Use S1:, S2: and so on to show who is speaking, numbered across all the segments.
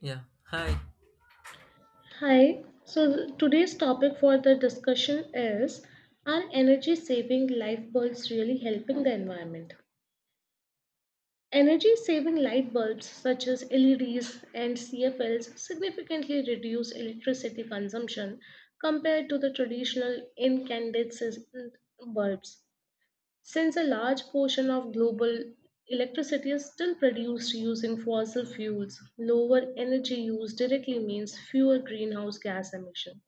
S1: Yeah. Hi.
S2: Hi, so today's topic for the discussion is, are energy saving light bulbs really helping the environment? Energy saving light bulbs such as LEDs and CFLs significantly reduce electricity consumption compared to the traditional incandescent bulbs. Since a large portion of global electricity is still produced using fossil fuels, lower energy use directly means fewer greenhouse gas emissions.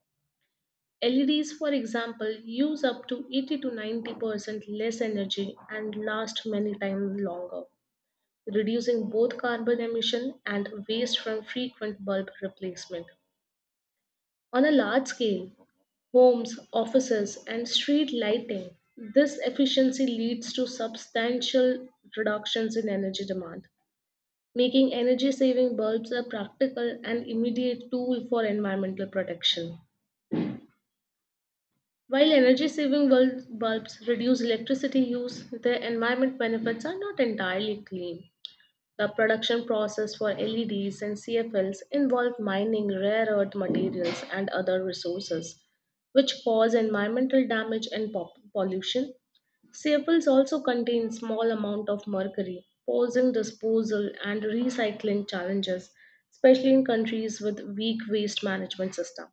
S2: LEDs, for example, use up to 80 to 90% less energy and last many times longer, reducing both carbon emission and waste from frequent bulb replacement. On a large scale, homes, offices, and street lighting, this efficiency leads to substantial reductions in energy demand, making energy saving bulbs a practical and immediate tool for environmental protection. While energy saving bulbs reduce electricity use, their environment benefits are not entirely clean. The production process for LEDs and CFLs involve mining rare earth materials and other resources, which cause environmental damage and pollution. CFLs also contain small amount of mercury, posing disposal and recycling challenges, especially in countries with weak waste management system.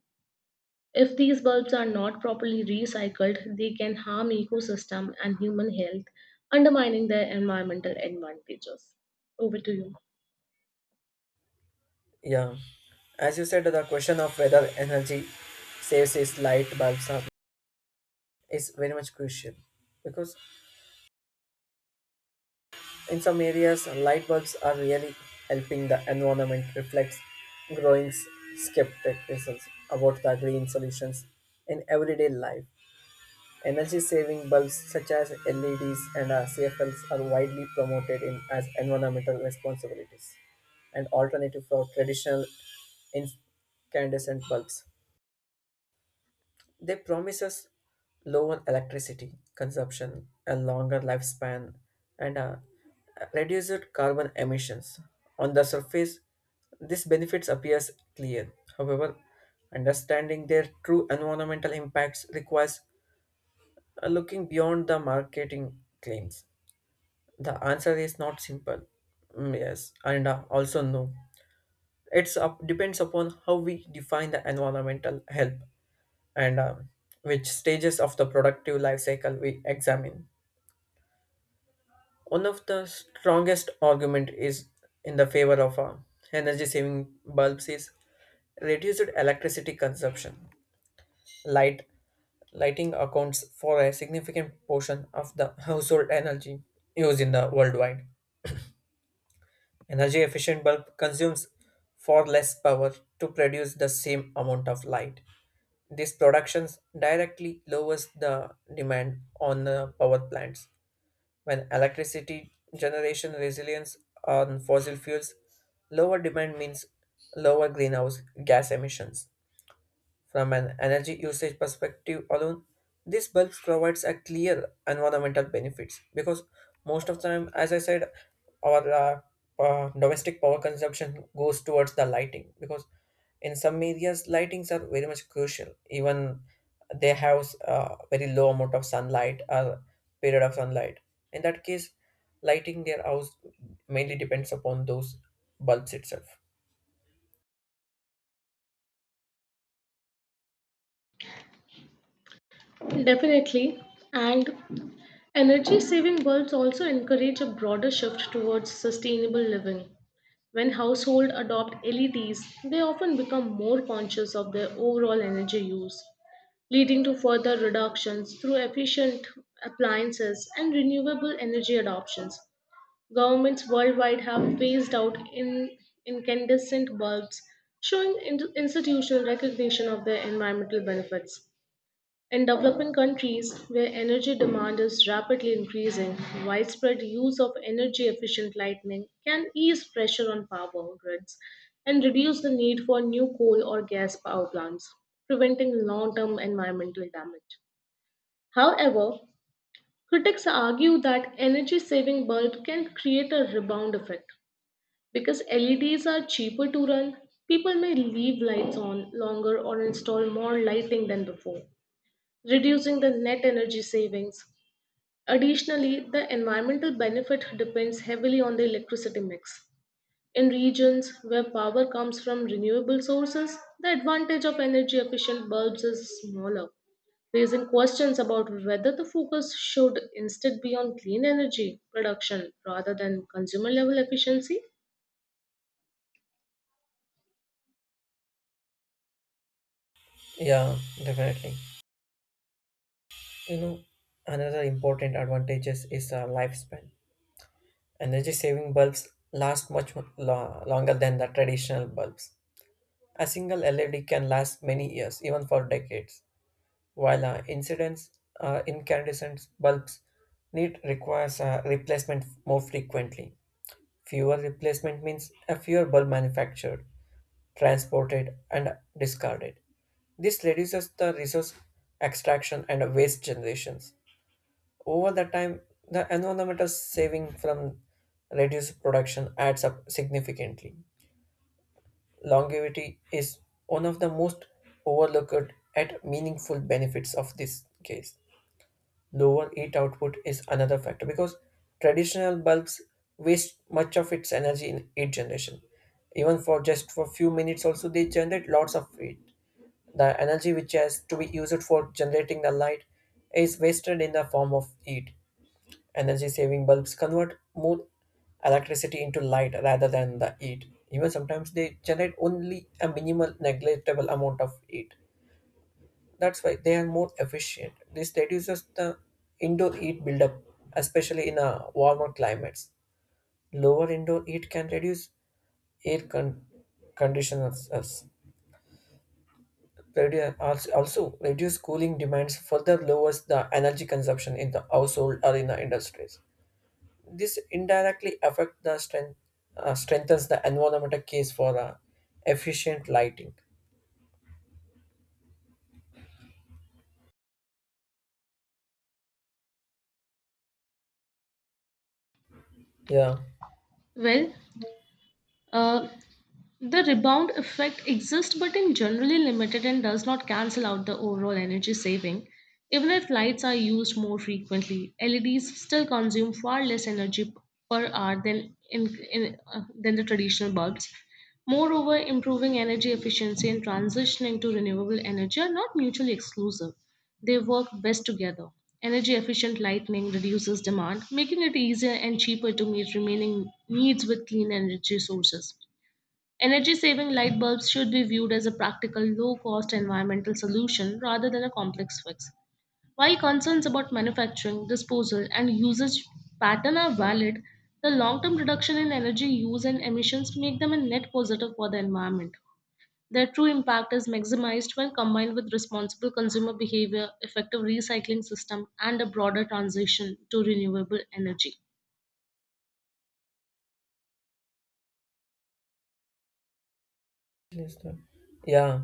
S2: If these bulbs are not properly recycled, they can harm ecosystem and human health, undermining their environmental advantages. Over to you.
S1: Yeah, as you said, the question of whether energy saves its light bulbs are, is very much crucial because in some areas light bulbs are really helping the environment reflects growing skepticism about the green solutions in everyday life. Energy saving bulbs such as LEDs and CFLs are widely promoted in as environmental responsibilities and alternative for traditional incandescent bulbs. They promise us lower electricity consumption, a longer lifespan, and reduced carbon emissions. On the surface, these benefits appears clear. However, understanding their true environmental impacts requires looking beyond the marketing claims. The answer is not simple. Mm, yes, and also no. Depends upon how we define the environmental help and which stages of the productive life cycle we examine. One of the strongest argument is in the favor of energy saving bulbs is reduced electricity consumption. Light Lighting accounts for a significant portion of the household energy used in the worldwide. Energy efficient bulb consumes far less power to produce the same amount of light. These productions directly lowers the demand on the power plants. When electricity generation resilience on fossil fuels, lower demand means lower greenhouse gas emissions. From an energy usage perspective alone, these bulbs provides a clear environmental benefits because most of the time, as I said, our domestic power consumption goes towards the lighting because in some areas lightings are very much crucial. Even they have very low amount of sunlight or period of sunlight. In that case, lighting their house mainly depends upon those bulbs itself.
S2: Definitely. And energy saving bulbs also encourage a broader shift towards sustainable living. When households adopt LEDs, they often become more conscious of their overall energy use, leading to further reductions through efficient appliances and renewable energy adoptions. Governments worldwide have phased out in incandescent bulbs, showing institutional recognition of their environmental benefits. In developing countries where energy demand is rapidly increasing, widespread use of energy efficient lighting can ease pressure on power grids and reduce the need for new coal or gas power plants, preventing long term environmental damage. However, critics argue that energy saving bulbs can create a rebound effect because LEDs are cheaper to run, people may leave lights on longer or install more lighting than before, reducing the net energy savings. Additionally, the environmental benefit depends heavily on the electricity mix. In regions where power comes from renewable sources, the advantage of energy efficient bulbs is smaller, raising questions about whether the focus should instead be on clean energy production rather than consumer level efficiency.
S1: Yeah, definitely. You know, another important advantages is lifespan. Energy saving bulbs last longer than the traditional bulbs. A single LED can last many years, even for decades, while incidents incandescent bulbs need requires replacement more frequently. Fewer replacement means a fewer bulb manufactured, transported, and discarded. This reduces the resource extraction and waste generations. Over the time, the environmental saving from reduced production adds up significantly. Longevity is one of the most overlooked at meaningful benefits of this case. Lower heat output is another factor because traditional bulbs waste much of its energy in heat generation. Even for just for few minutes also they generate lots of heat. The energy which has to be used for generating the light is wasted in the form of heat. Energy saving bulbs convert more electricity into light rather than the heat. Even sometimes they generate only a minimal negligible amount of heat. That's why they are more efficient. This reduces the indoor heat buildup, especially in a warmer climates. Lower indoor heat can reduce air con- conditioners. Also, reduce cooling demands further lowers the energy consumption in the household or in the industries. This indirectly affect strengthens the environmental case for efficient lighting. Yeah.
S2: Well, uh, the rebound effect exists but in generally limited and does not cancel out the overall energy saving. Even if lights are used more frequently, LEDs still consume far less energy per hour than in than the traditional bulbs. Moreover, improving energy efficiency and transitioning to renewable energy are not mutually exclusive. They work best together. Energy efficient lighting reduces demand, making it easier and cheaper to meet remaining needs with clean energy sources. Energy saving light bulbs should be viewed as a practical, low cost environmental solution rather than a complex fix. While concerns about manufacturing, disposal, and usage pattern are valid, the long term reduction in energy use and emissions make them a net positive for the environment. Their true impact is maximized when combined with responsible consumer behavior, effective recycling system, and a broader transition to renewable energy.
S1: Yes, sir. Yeah,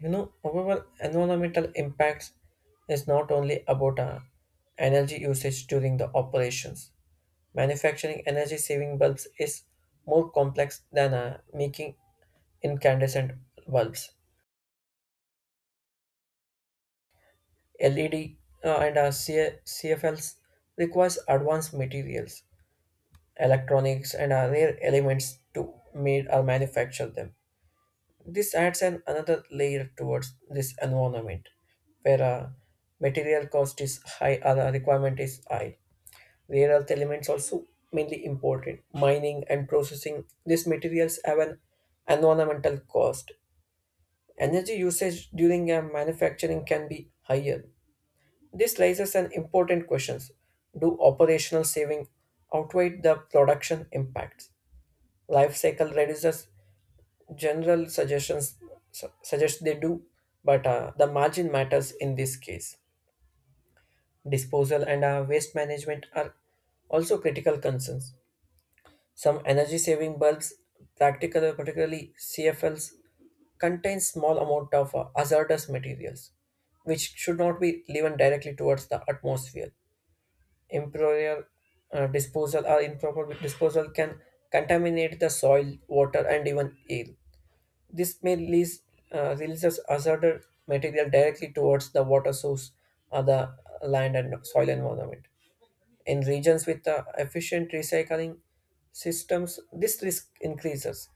S1: you know, however, environmental impacts is not only about energy usage during the operations. Manufacturing energy saving bulbs is more complex than making incandescent bulbs. LED CFLs requires advanced materials electronics, and other elements to made or manufacture them. This adds an another layer towards this environment, where material cost is high or the requirement is high. Rare earth elements also mainly important. Mining and processing these materials have an environmental cost. Energy usage during a manufacturing can be higher. This raises an important questions. Do operational saving outweigh the production impacts? Life cycle reduces general suggestions suggest they do, but the margin matters in this case. Disposal and waste management are also critical concerns. Some energy saving bulbs practically particularly CFLs contain small amount of hazardous materials, which should not be given directly towards the atmosphere. improper Improper disposal can contaminate the soil water and even air. This may release, releases hazardous material directly towards the water source or the land and soil environment. In regions with efficient recycling systems, this risk increases.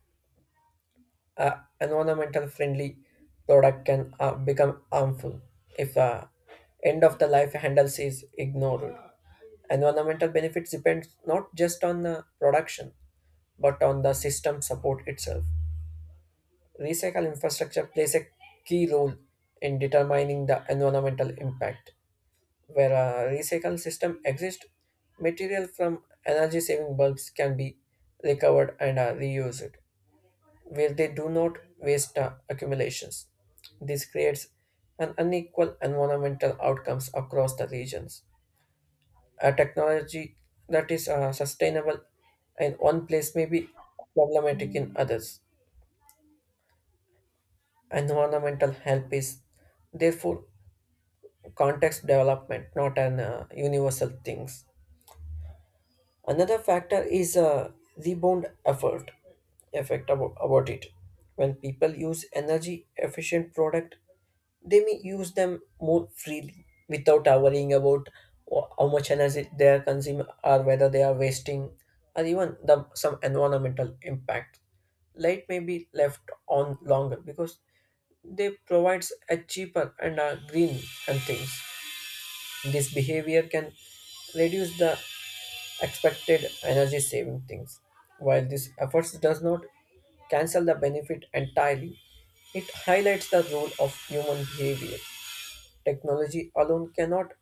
S1: Environmental friendly product can become harmful if end of the life handles is ignored. Environmental benefits depend not just on the production but on the system support itself. Recycle infrastructure plays a key role in determining the environmental impact. Where a recycle system exists, material from energy saving bulbs can be recovered and reused, where they do not waste accumulations. This creates an unequal environmental outcomes across the regions. A technology that is sustainable in one place may be problematic in others. Environmental help is therefore context development, not an universal things. Another factor is a rebound effort effect about it. When people use energy efficient product, they may use them more freely without worrying about how much energy they are consuming or whether they are wasting or even some environmental impact. Light may be left on longer because they provides a cheaper and a green and things. This behavior can reduce the expected energy saving things. While this efforts does not cancel the benefit entirely, it highlights the role of human behavior. Technology alone cannot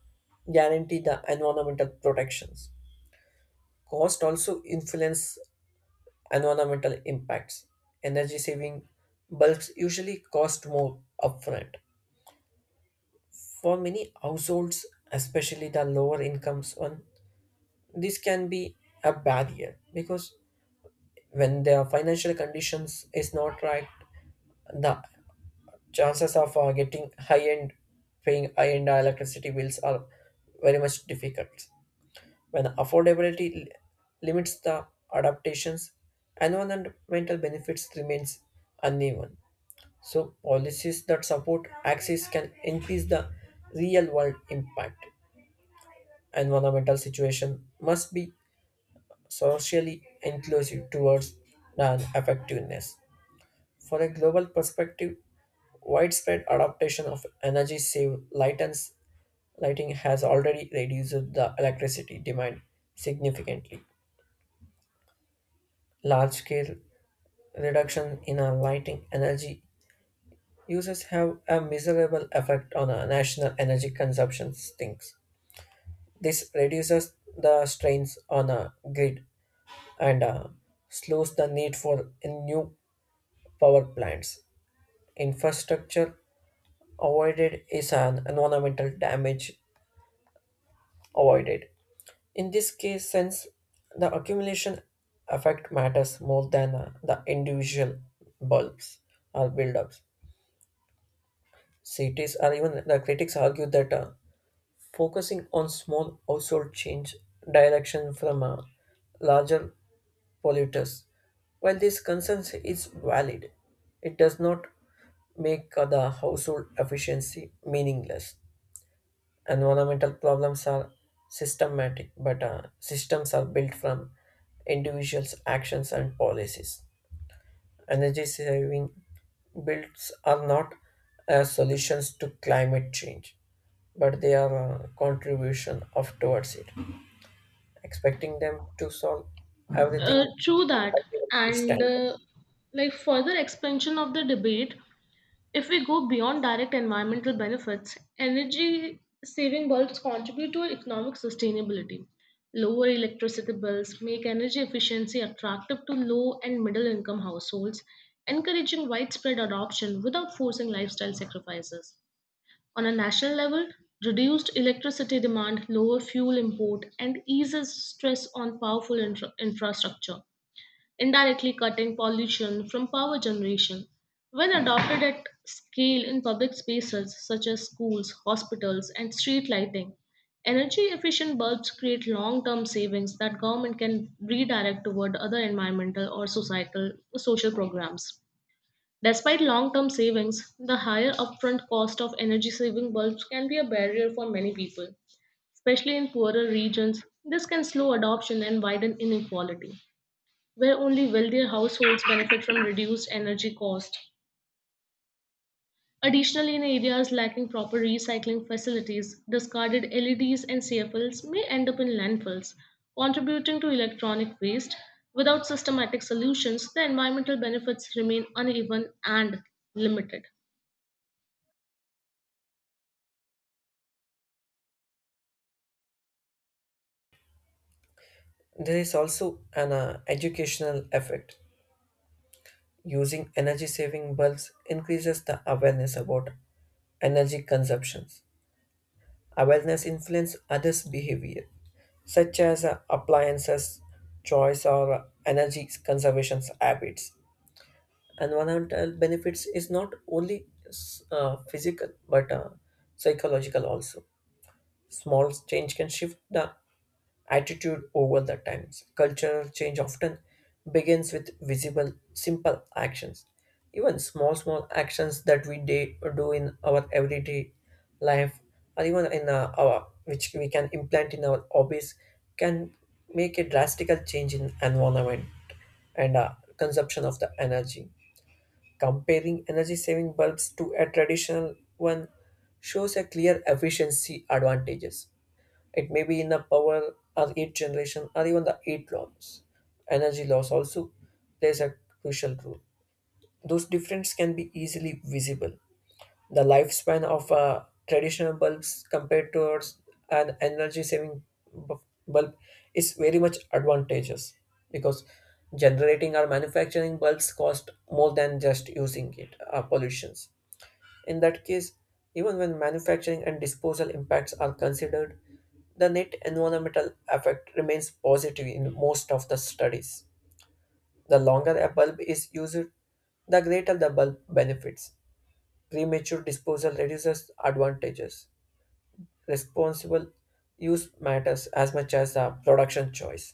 S1: guarantee the environmental protections. Cost also influence environmental impacts. Energy saving bulbs usually cost more upfront. For many households, especially the lower incomes one, this can be a barrier because when their financial conditions is not right, the chances of getting high end paying high end electricity bills are very much difficult. When limits the adaptations, environmental benefits remains uneven, so policies that support access can increase the real world impact. Environmental situation must be socially inclusive towards and effectiveness. For a global perspective, widespread adaptation of energy save lightens lighting has already reduced the electricity demand significantly. Large scale reduction in our lighting energy uses have a miserable effect on our national energy consumption sinks. This reduces the strains on a grid and slows the need for new power plants. Infrastructure avoided is an environmental damage avoided. In this case, since the accumulation effect matters more than the individual bulbs or buildups. Cities or even the critics argue that focusing on small household change direction from larger polluters. While this concern is valid, it does not make the household efficiency meaningless. Environmental problems are systematic, but systems are built from individuals' actions and policies. Energy saving builds are not solutions to climate change, but they are a contribution of towards it. Expecting them to solve everything
S2: True that.
S1: is
S2: And
S1: standard.
S2: like further expansion of the debate, if we go beyond direct environmental benefits, energy saving bulbs contribute to economic sustainability. Lower electricity bills make energy efficiency attractive to low and middle income households, encouraging widespread adoption without forcing lifestyle sacrifices. On a national level, reduced electricity demand, lower fuel import, and eases stress on powerful infrastructure indirectly cutting pollution from power generation. When adopted at scale in public spaces such as schools, hospitals, and street lighting, energy efficient bulbs create long term savings that government can redirect toward other environmental or societal social programs. Despite long term savings, the higher upfront cost of energy saving bulbs can be a barrier for many people. Especially in poorer regions, this can slow adoption and widen inequality where only wealthier households benefit from reduced energy cost. Additionally, in areas lacking proper recycling facilities, discarded LEDs and CFLs may end up in landfills, contributing to electronic waste. Without systematic solutions, the environmental benefits remain uneven and limited.
S1: There is also an educational effect. Using energy saving bulbs increases the awareness about energy consumption. Awareness influence others' behavior, such as appliances choice or energy conservation habits. Environmental benefits is not only physical but psychological also. Small change can shift the attitude over the times. Cultural change often begins with visible, simple actions. Even small, small actions that do in our everyday life, or even in our which we can implant in our hobbies, can make a drastic change in environment and consumption of the energy. Comparing energy saving bulbs to a traditional one shows a clear efficiency advantages. It may be in the power or heat generation or even the heat loss. Energy loss also plays a crucial role. Those differences can be easily visible. The lifespan of traditional bulbs compared to an energy saving bu- bulb is very much advantageous because generating or manufacturing bulbs cost more than just using it. Pollutions in that case, even when manufacturing and disposal impacts are considered, the net environmental effect remains positive in most of the studies. The longer a bulb is used, the greater the bulb benefits. Premature disposal reduces advantages. Responsible use matters as much as the production choice.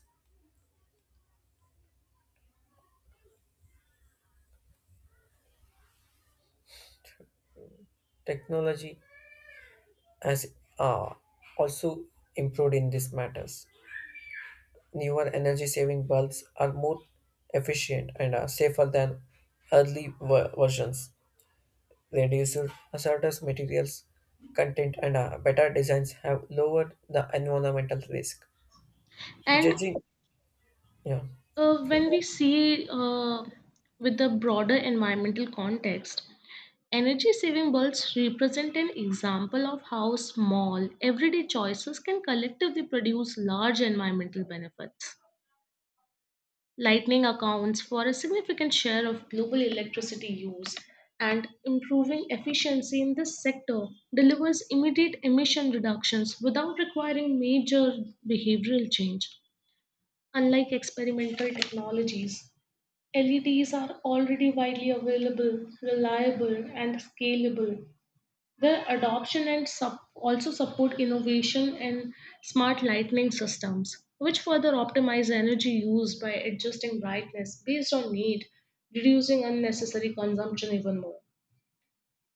S1: Technology has uh, also improved in these matters. Newer energy saving bulbs are more efficient and are safer than early versions. Reduced hazardous materials content and better designs have lowered the environmental risk.
S2: And
S1: Judging, yeah,
S2: when we see with the broader environmental context, energy saving bulbs represent an example of how small, everyday choices can collectively produce large environmental benefits. Lightning accounts for a significant share of global electricity use, and improving efficiency in this sector delivers immediate emission reductions without requiring major behavioral change. Unlike experimental technologies, LEDs are already widely available, reliable, and scalable the adoption and also support innovation in smart lighting systems, which further optimize energy use by adjusting brightness based on need, reducing unnecessary consumption even more.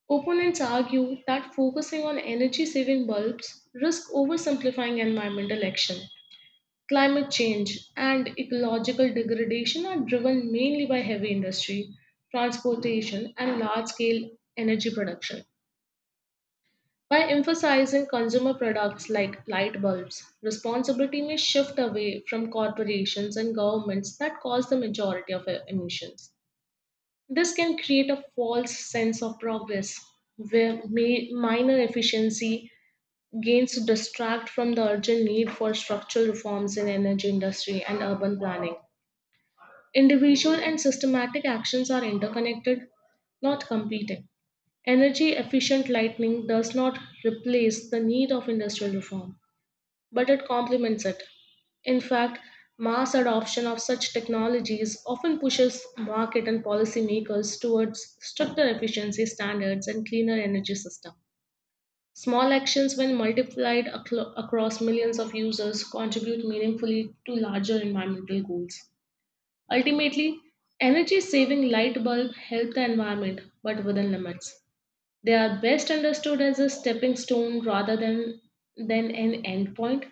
S2: Opponents argue that focusing on energy saving bulbs risk oversimplifying environmental action. Climate change and ecological degradation are driven mainly by heavy industry, transportation, and large scale energy production. By emphasizing consumer products like light bulbs, responsibility may shift away from corporations and governments that cause the majority of emissions. This can create a false sense of progress, where minor efficiency gains distract from the urgent need for structural reforms in energy industry and urban planning. Individual and systematic actions are interconnected, not competing. Energy efficient lighting does not replace the need of industrial reform, but it complements it. In fact, mass adoption of such technologies often pushes market and policymakers towards stricter efficiency standards and cleaner energy systems. Small actions, when multiplied across millions of users, contribute meaningfully to larger environmental goals. Ultimately, energy saving light bulb help the environment, but within limits. They are best understood as a stepping stone rather than an endpoint.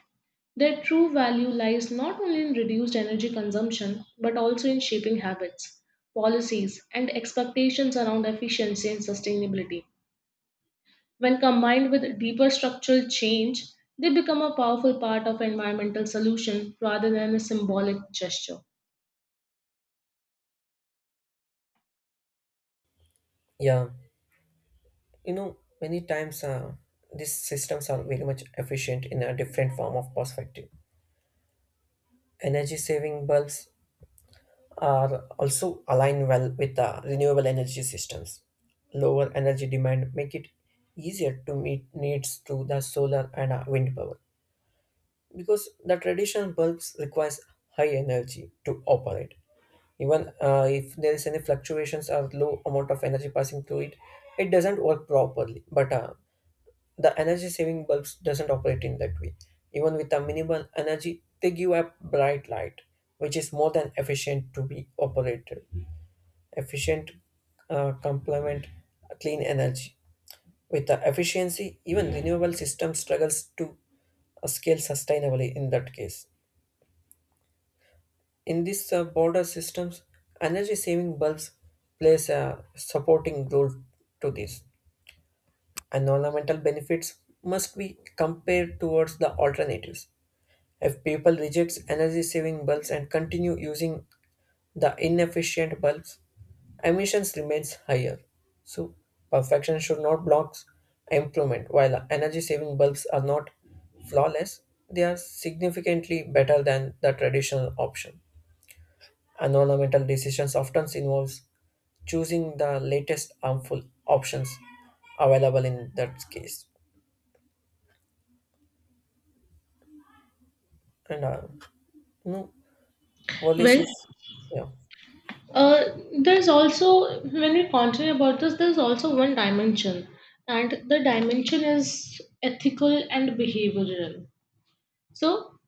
S2: Their true value lies not only in reduced energy consumption but also in shaping habits, policies, and expectations around efficiency and sustainability. When combined with deeper structural change, they become a powerful part of environmental solution rather than a symbolic gesture.
S1: yeah, you know, many times these systems are very much efficient in a different form of perspective. Energy saving bulbs are also align well with the renewable energy systems. Lower energy demand make it easier to meet needs through the solar and wind power because the traditional bulbs requires high energy to operate. Even if there is any fluctuations or low amount of energy passing through it, it doesn't work properly. But the energy saving bulbs doesn't operate in that way. Even with the minimal energy, they give a bright light, which is more than efficient to be operated efficient complement clean energy. With the efficiency, even renewable system struggles to scale sustainably in that case. In these border systems, energy saving bulbs plays a supporting role to this. Environmental benefits must be compared towards the alternatives. If people reject energy saving bulbs and continue using the inefficient bulbs, emissions remains higher. So perfection should not block improvement. While energy-saving bulbs are not flawless, they are significantly better than the traditional option. Environmental decisions often involves choosing the latest harmful options available in that case. And no
S2: Well,
S1: policies, yeah.
S2: uh, there's also, when we continue about this, there's also one dimension, and the dimension is ethical and behavioral. So,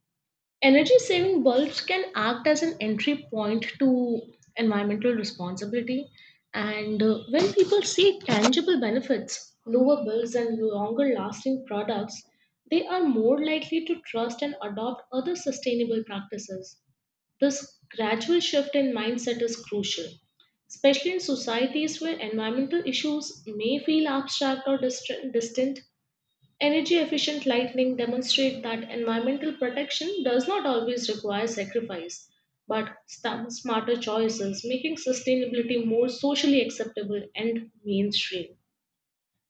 S2: energy saving bulbs can act as an entry point to environmental responsibility. And when people see tangible benefits, lower bills, and longer lasting products, they are more likely to trust and adopt other sustainable practices. This gradual shift in mindset is crucial, especially in societies where environmental issues may feel abstract or distant. Energy efficient lighting demonstrate that environmental protection does not always require sacrifice, but smarter choices, making sustainability more socially acceptable and mainstream.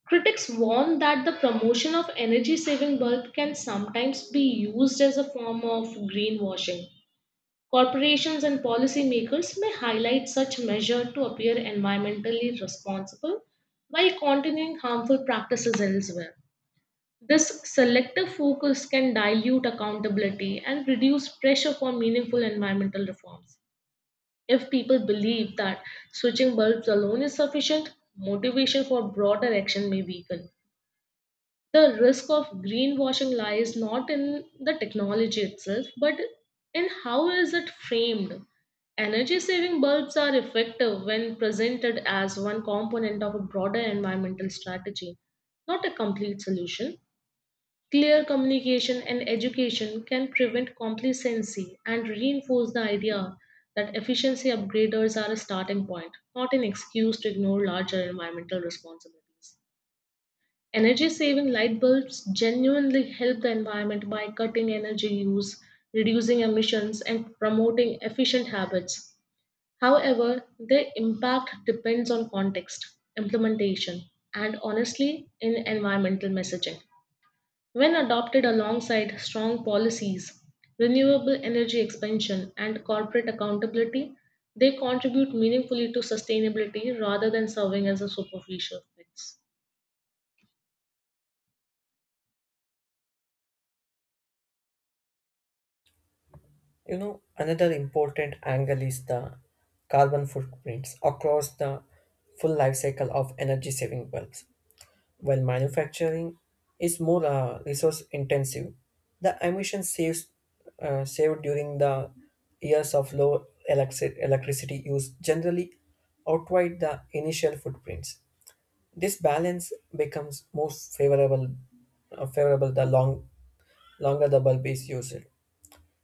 S2: Critics warn that the promotion of energy saving bulbs can sometimes be used as a form of greenwashing. Corporations and policymakers may highlight such measure to appear environmentally responsible while continuing harmful practices elsewhere. This selective focus can dilute accountability and reduce pressure for meaningful environmental reforms. If people believe that switching bulbs alone is sufficient, motivation for broader action may weaken the risk of greenwashing lies not in the technology itself, but in how is it framed. Energy saving bulbs are effective when presented as one component of a broader environmental strategy, not a complete solution. Clear communication and education can prevent complacency and reinforce the idea that efficiency upgraders are a starting point, not an excuse to ignore larger environmental responsibilities. Energy saving light bulbs genuinely help the environment by cutting energy use, reducing emissions, and promoting efficient habits. However, their impact depends on context, implementation, and honestly, in environmental messaging. When adopted alongside strong policies, renewable energy expansion, and corporate accountability, they contribute meaningfully to sustainability rather than serving as a superficial fix.
S1: You know, another important angle is the carbon footprints across the full life cycle of energy saving bulbs. While manufacturing is more resource intensive, the emission saves, saved during the years of electricity use generally outweigh the initial footprints. This balance becomes more favorable the longer the bulb is used.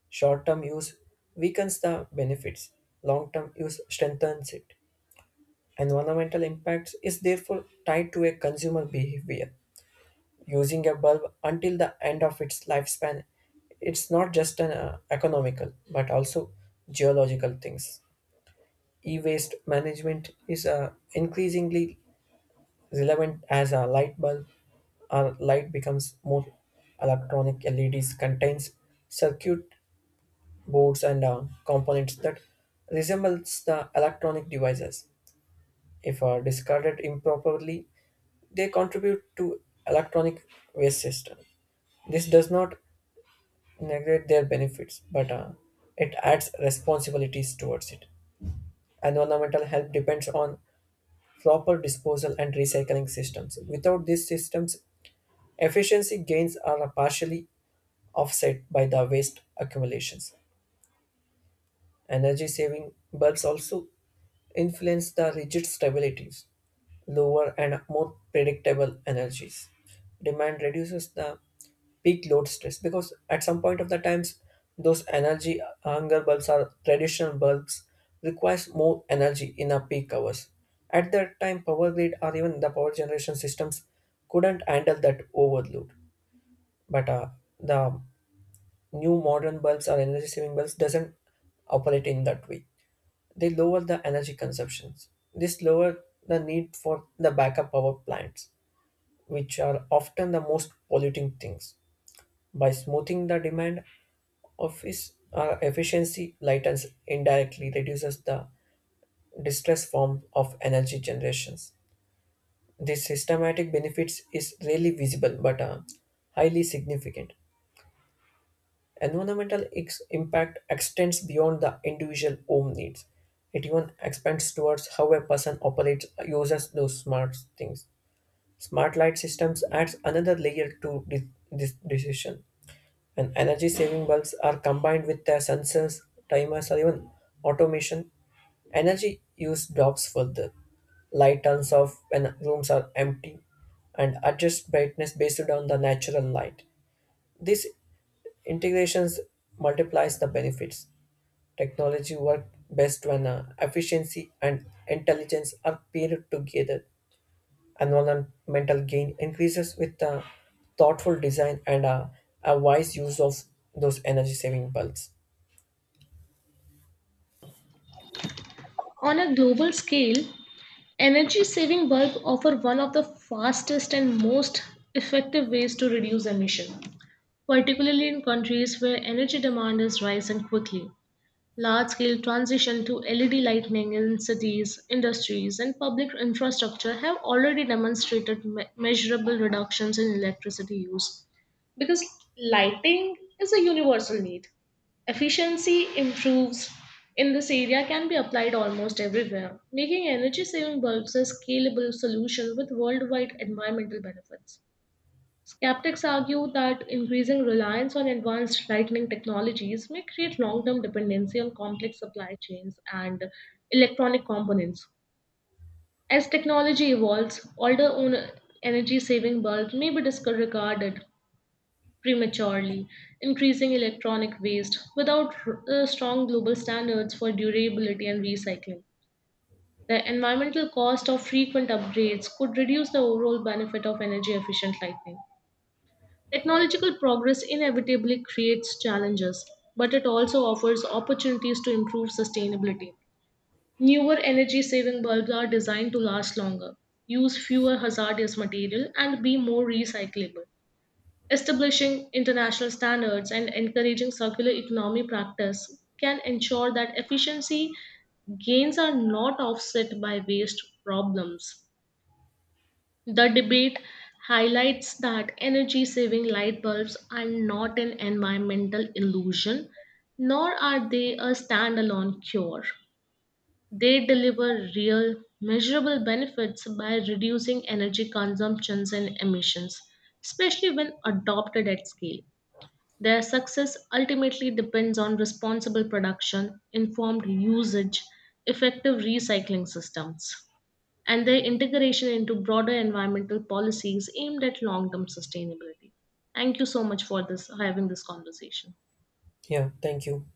S1: Short term use weakens the benefits, long term use strengthens it. Environmental impacts is therefore tied to a consumer behavior. Using a bulb until the end of its lifespan, it's not just an economical but also geological things. E waste management is increasingly relevant as a light bulb or light becomes more electronic. LEDs contains circuit boards and components that resembles the electronic devices. If discarded improperly, they contribute to electronic waste system. This does not negate their benefits, but it adds responsibilities towards it. Environmental health depends on proper disposal and recycling systems. Without these systems, efficiency gains are partially offset by the waste accumulations. Energy saving bulbs also influence the rigid stabilities, lower and more predictable energies. Demand reduces the peak load stress because at some point of the times those energy hunger bulbs or traditional bulbs requires more energy in a peak hours. At that time power grid or even the power generation systems couldn't handle that overload. But the new modern bulbs or energy saving bulbs doesn't operate in that way. They lower the energy consumptions. This lower the need for the backup power plants, which are often the most polluting things. By smoothing the demand of its efficiency, lightens indirectly reduces the distress form of energy generations. This systematic benefits is rarely visible but highly significant. Impact extends beyond the individual home needs. It even expands towards how a person operates, uses those smart things. Smart light systems adds another layer to this decision. And energy saving bulbs are combined with their sensors, timers, or even automation. Energy use drops further. Light turns off when rooms are empty and adjust brightness based on the natural light. This Integrations multiplies the benefits. Technology works best when efficiency and intelligence are paired together. Environmental gain increases with thoughtful design and a wise use of those energy saving bulbs.
S2: On a global scale, energy saving bulbs offer one of the fastest and most effective ways to reduce emission, particularly in countries where energy demand is rising quickly. Large-scale transition to LED lighting in cities, industries, and public infrastructure have already demonstrated measurable reductions in electricity use because lighting is a universal need. Efficiency improves in this area can be applied almost everywhere, making energy saving bulbs a scalable solution with worldwide environmental benefits. Skeptics argue that increasing reliance on advanced lightning technologies may create long term dependency on complex supply chains and electronic components. As technology evolves, older energy saving bulbs may be discarded prematurely, increasing electronic waste without strong global standards for durability and recycling. The environmental cost of frequent upgrades could reduce the overall benefit of energy efficient lighting. Technological progress inevitably creates challenges, but it also offers opportunities to improve sustainability. Newer energy saving bulbs are designed to last longer, use fewer hazardous material, and be more recyclable. Establishing international standards and encouraging circular economy practice can ensure that efficiency gains are not offset by waste problems. The debate highlights that energy saving light bulbs are not an environmental illusion, nor are they a standalone cure. They deliver real, measurable benefits by reducing energy consumptions and emissions, especially when adopted at scale. Their success ultimately depends on responsible production, informed usage, effective recycling systems, and their integration into broader environmental policies aimed at long term sustainability. Thank you so much for this having this conversation.
S1: Yeah, thank you.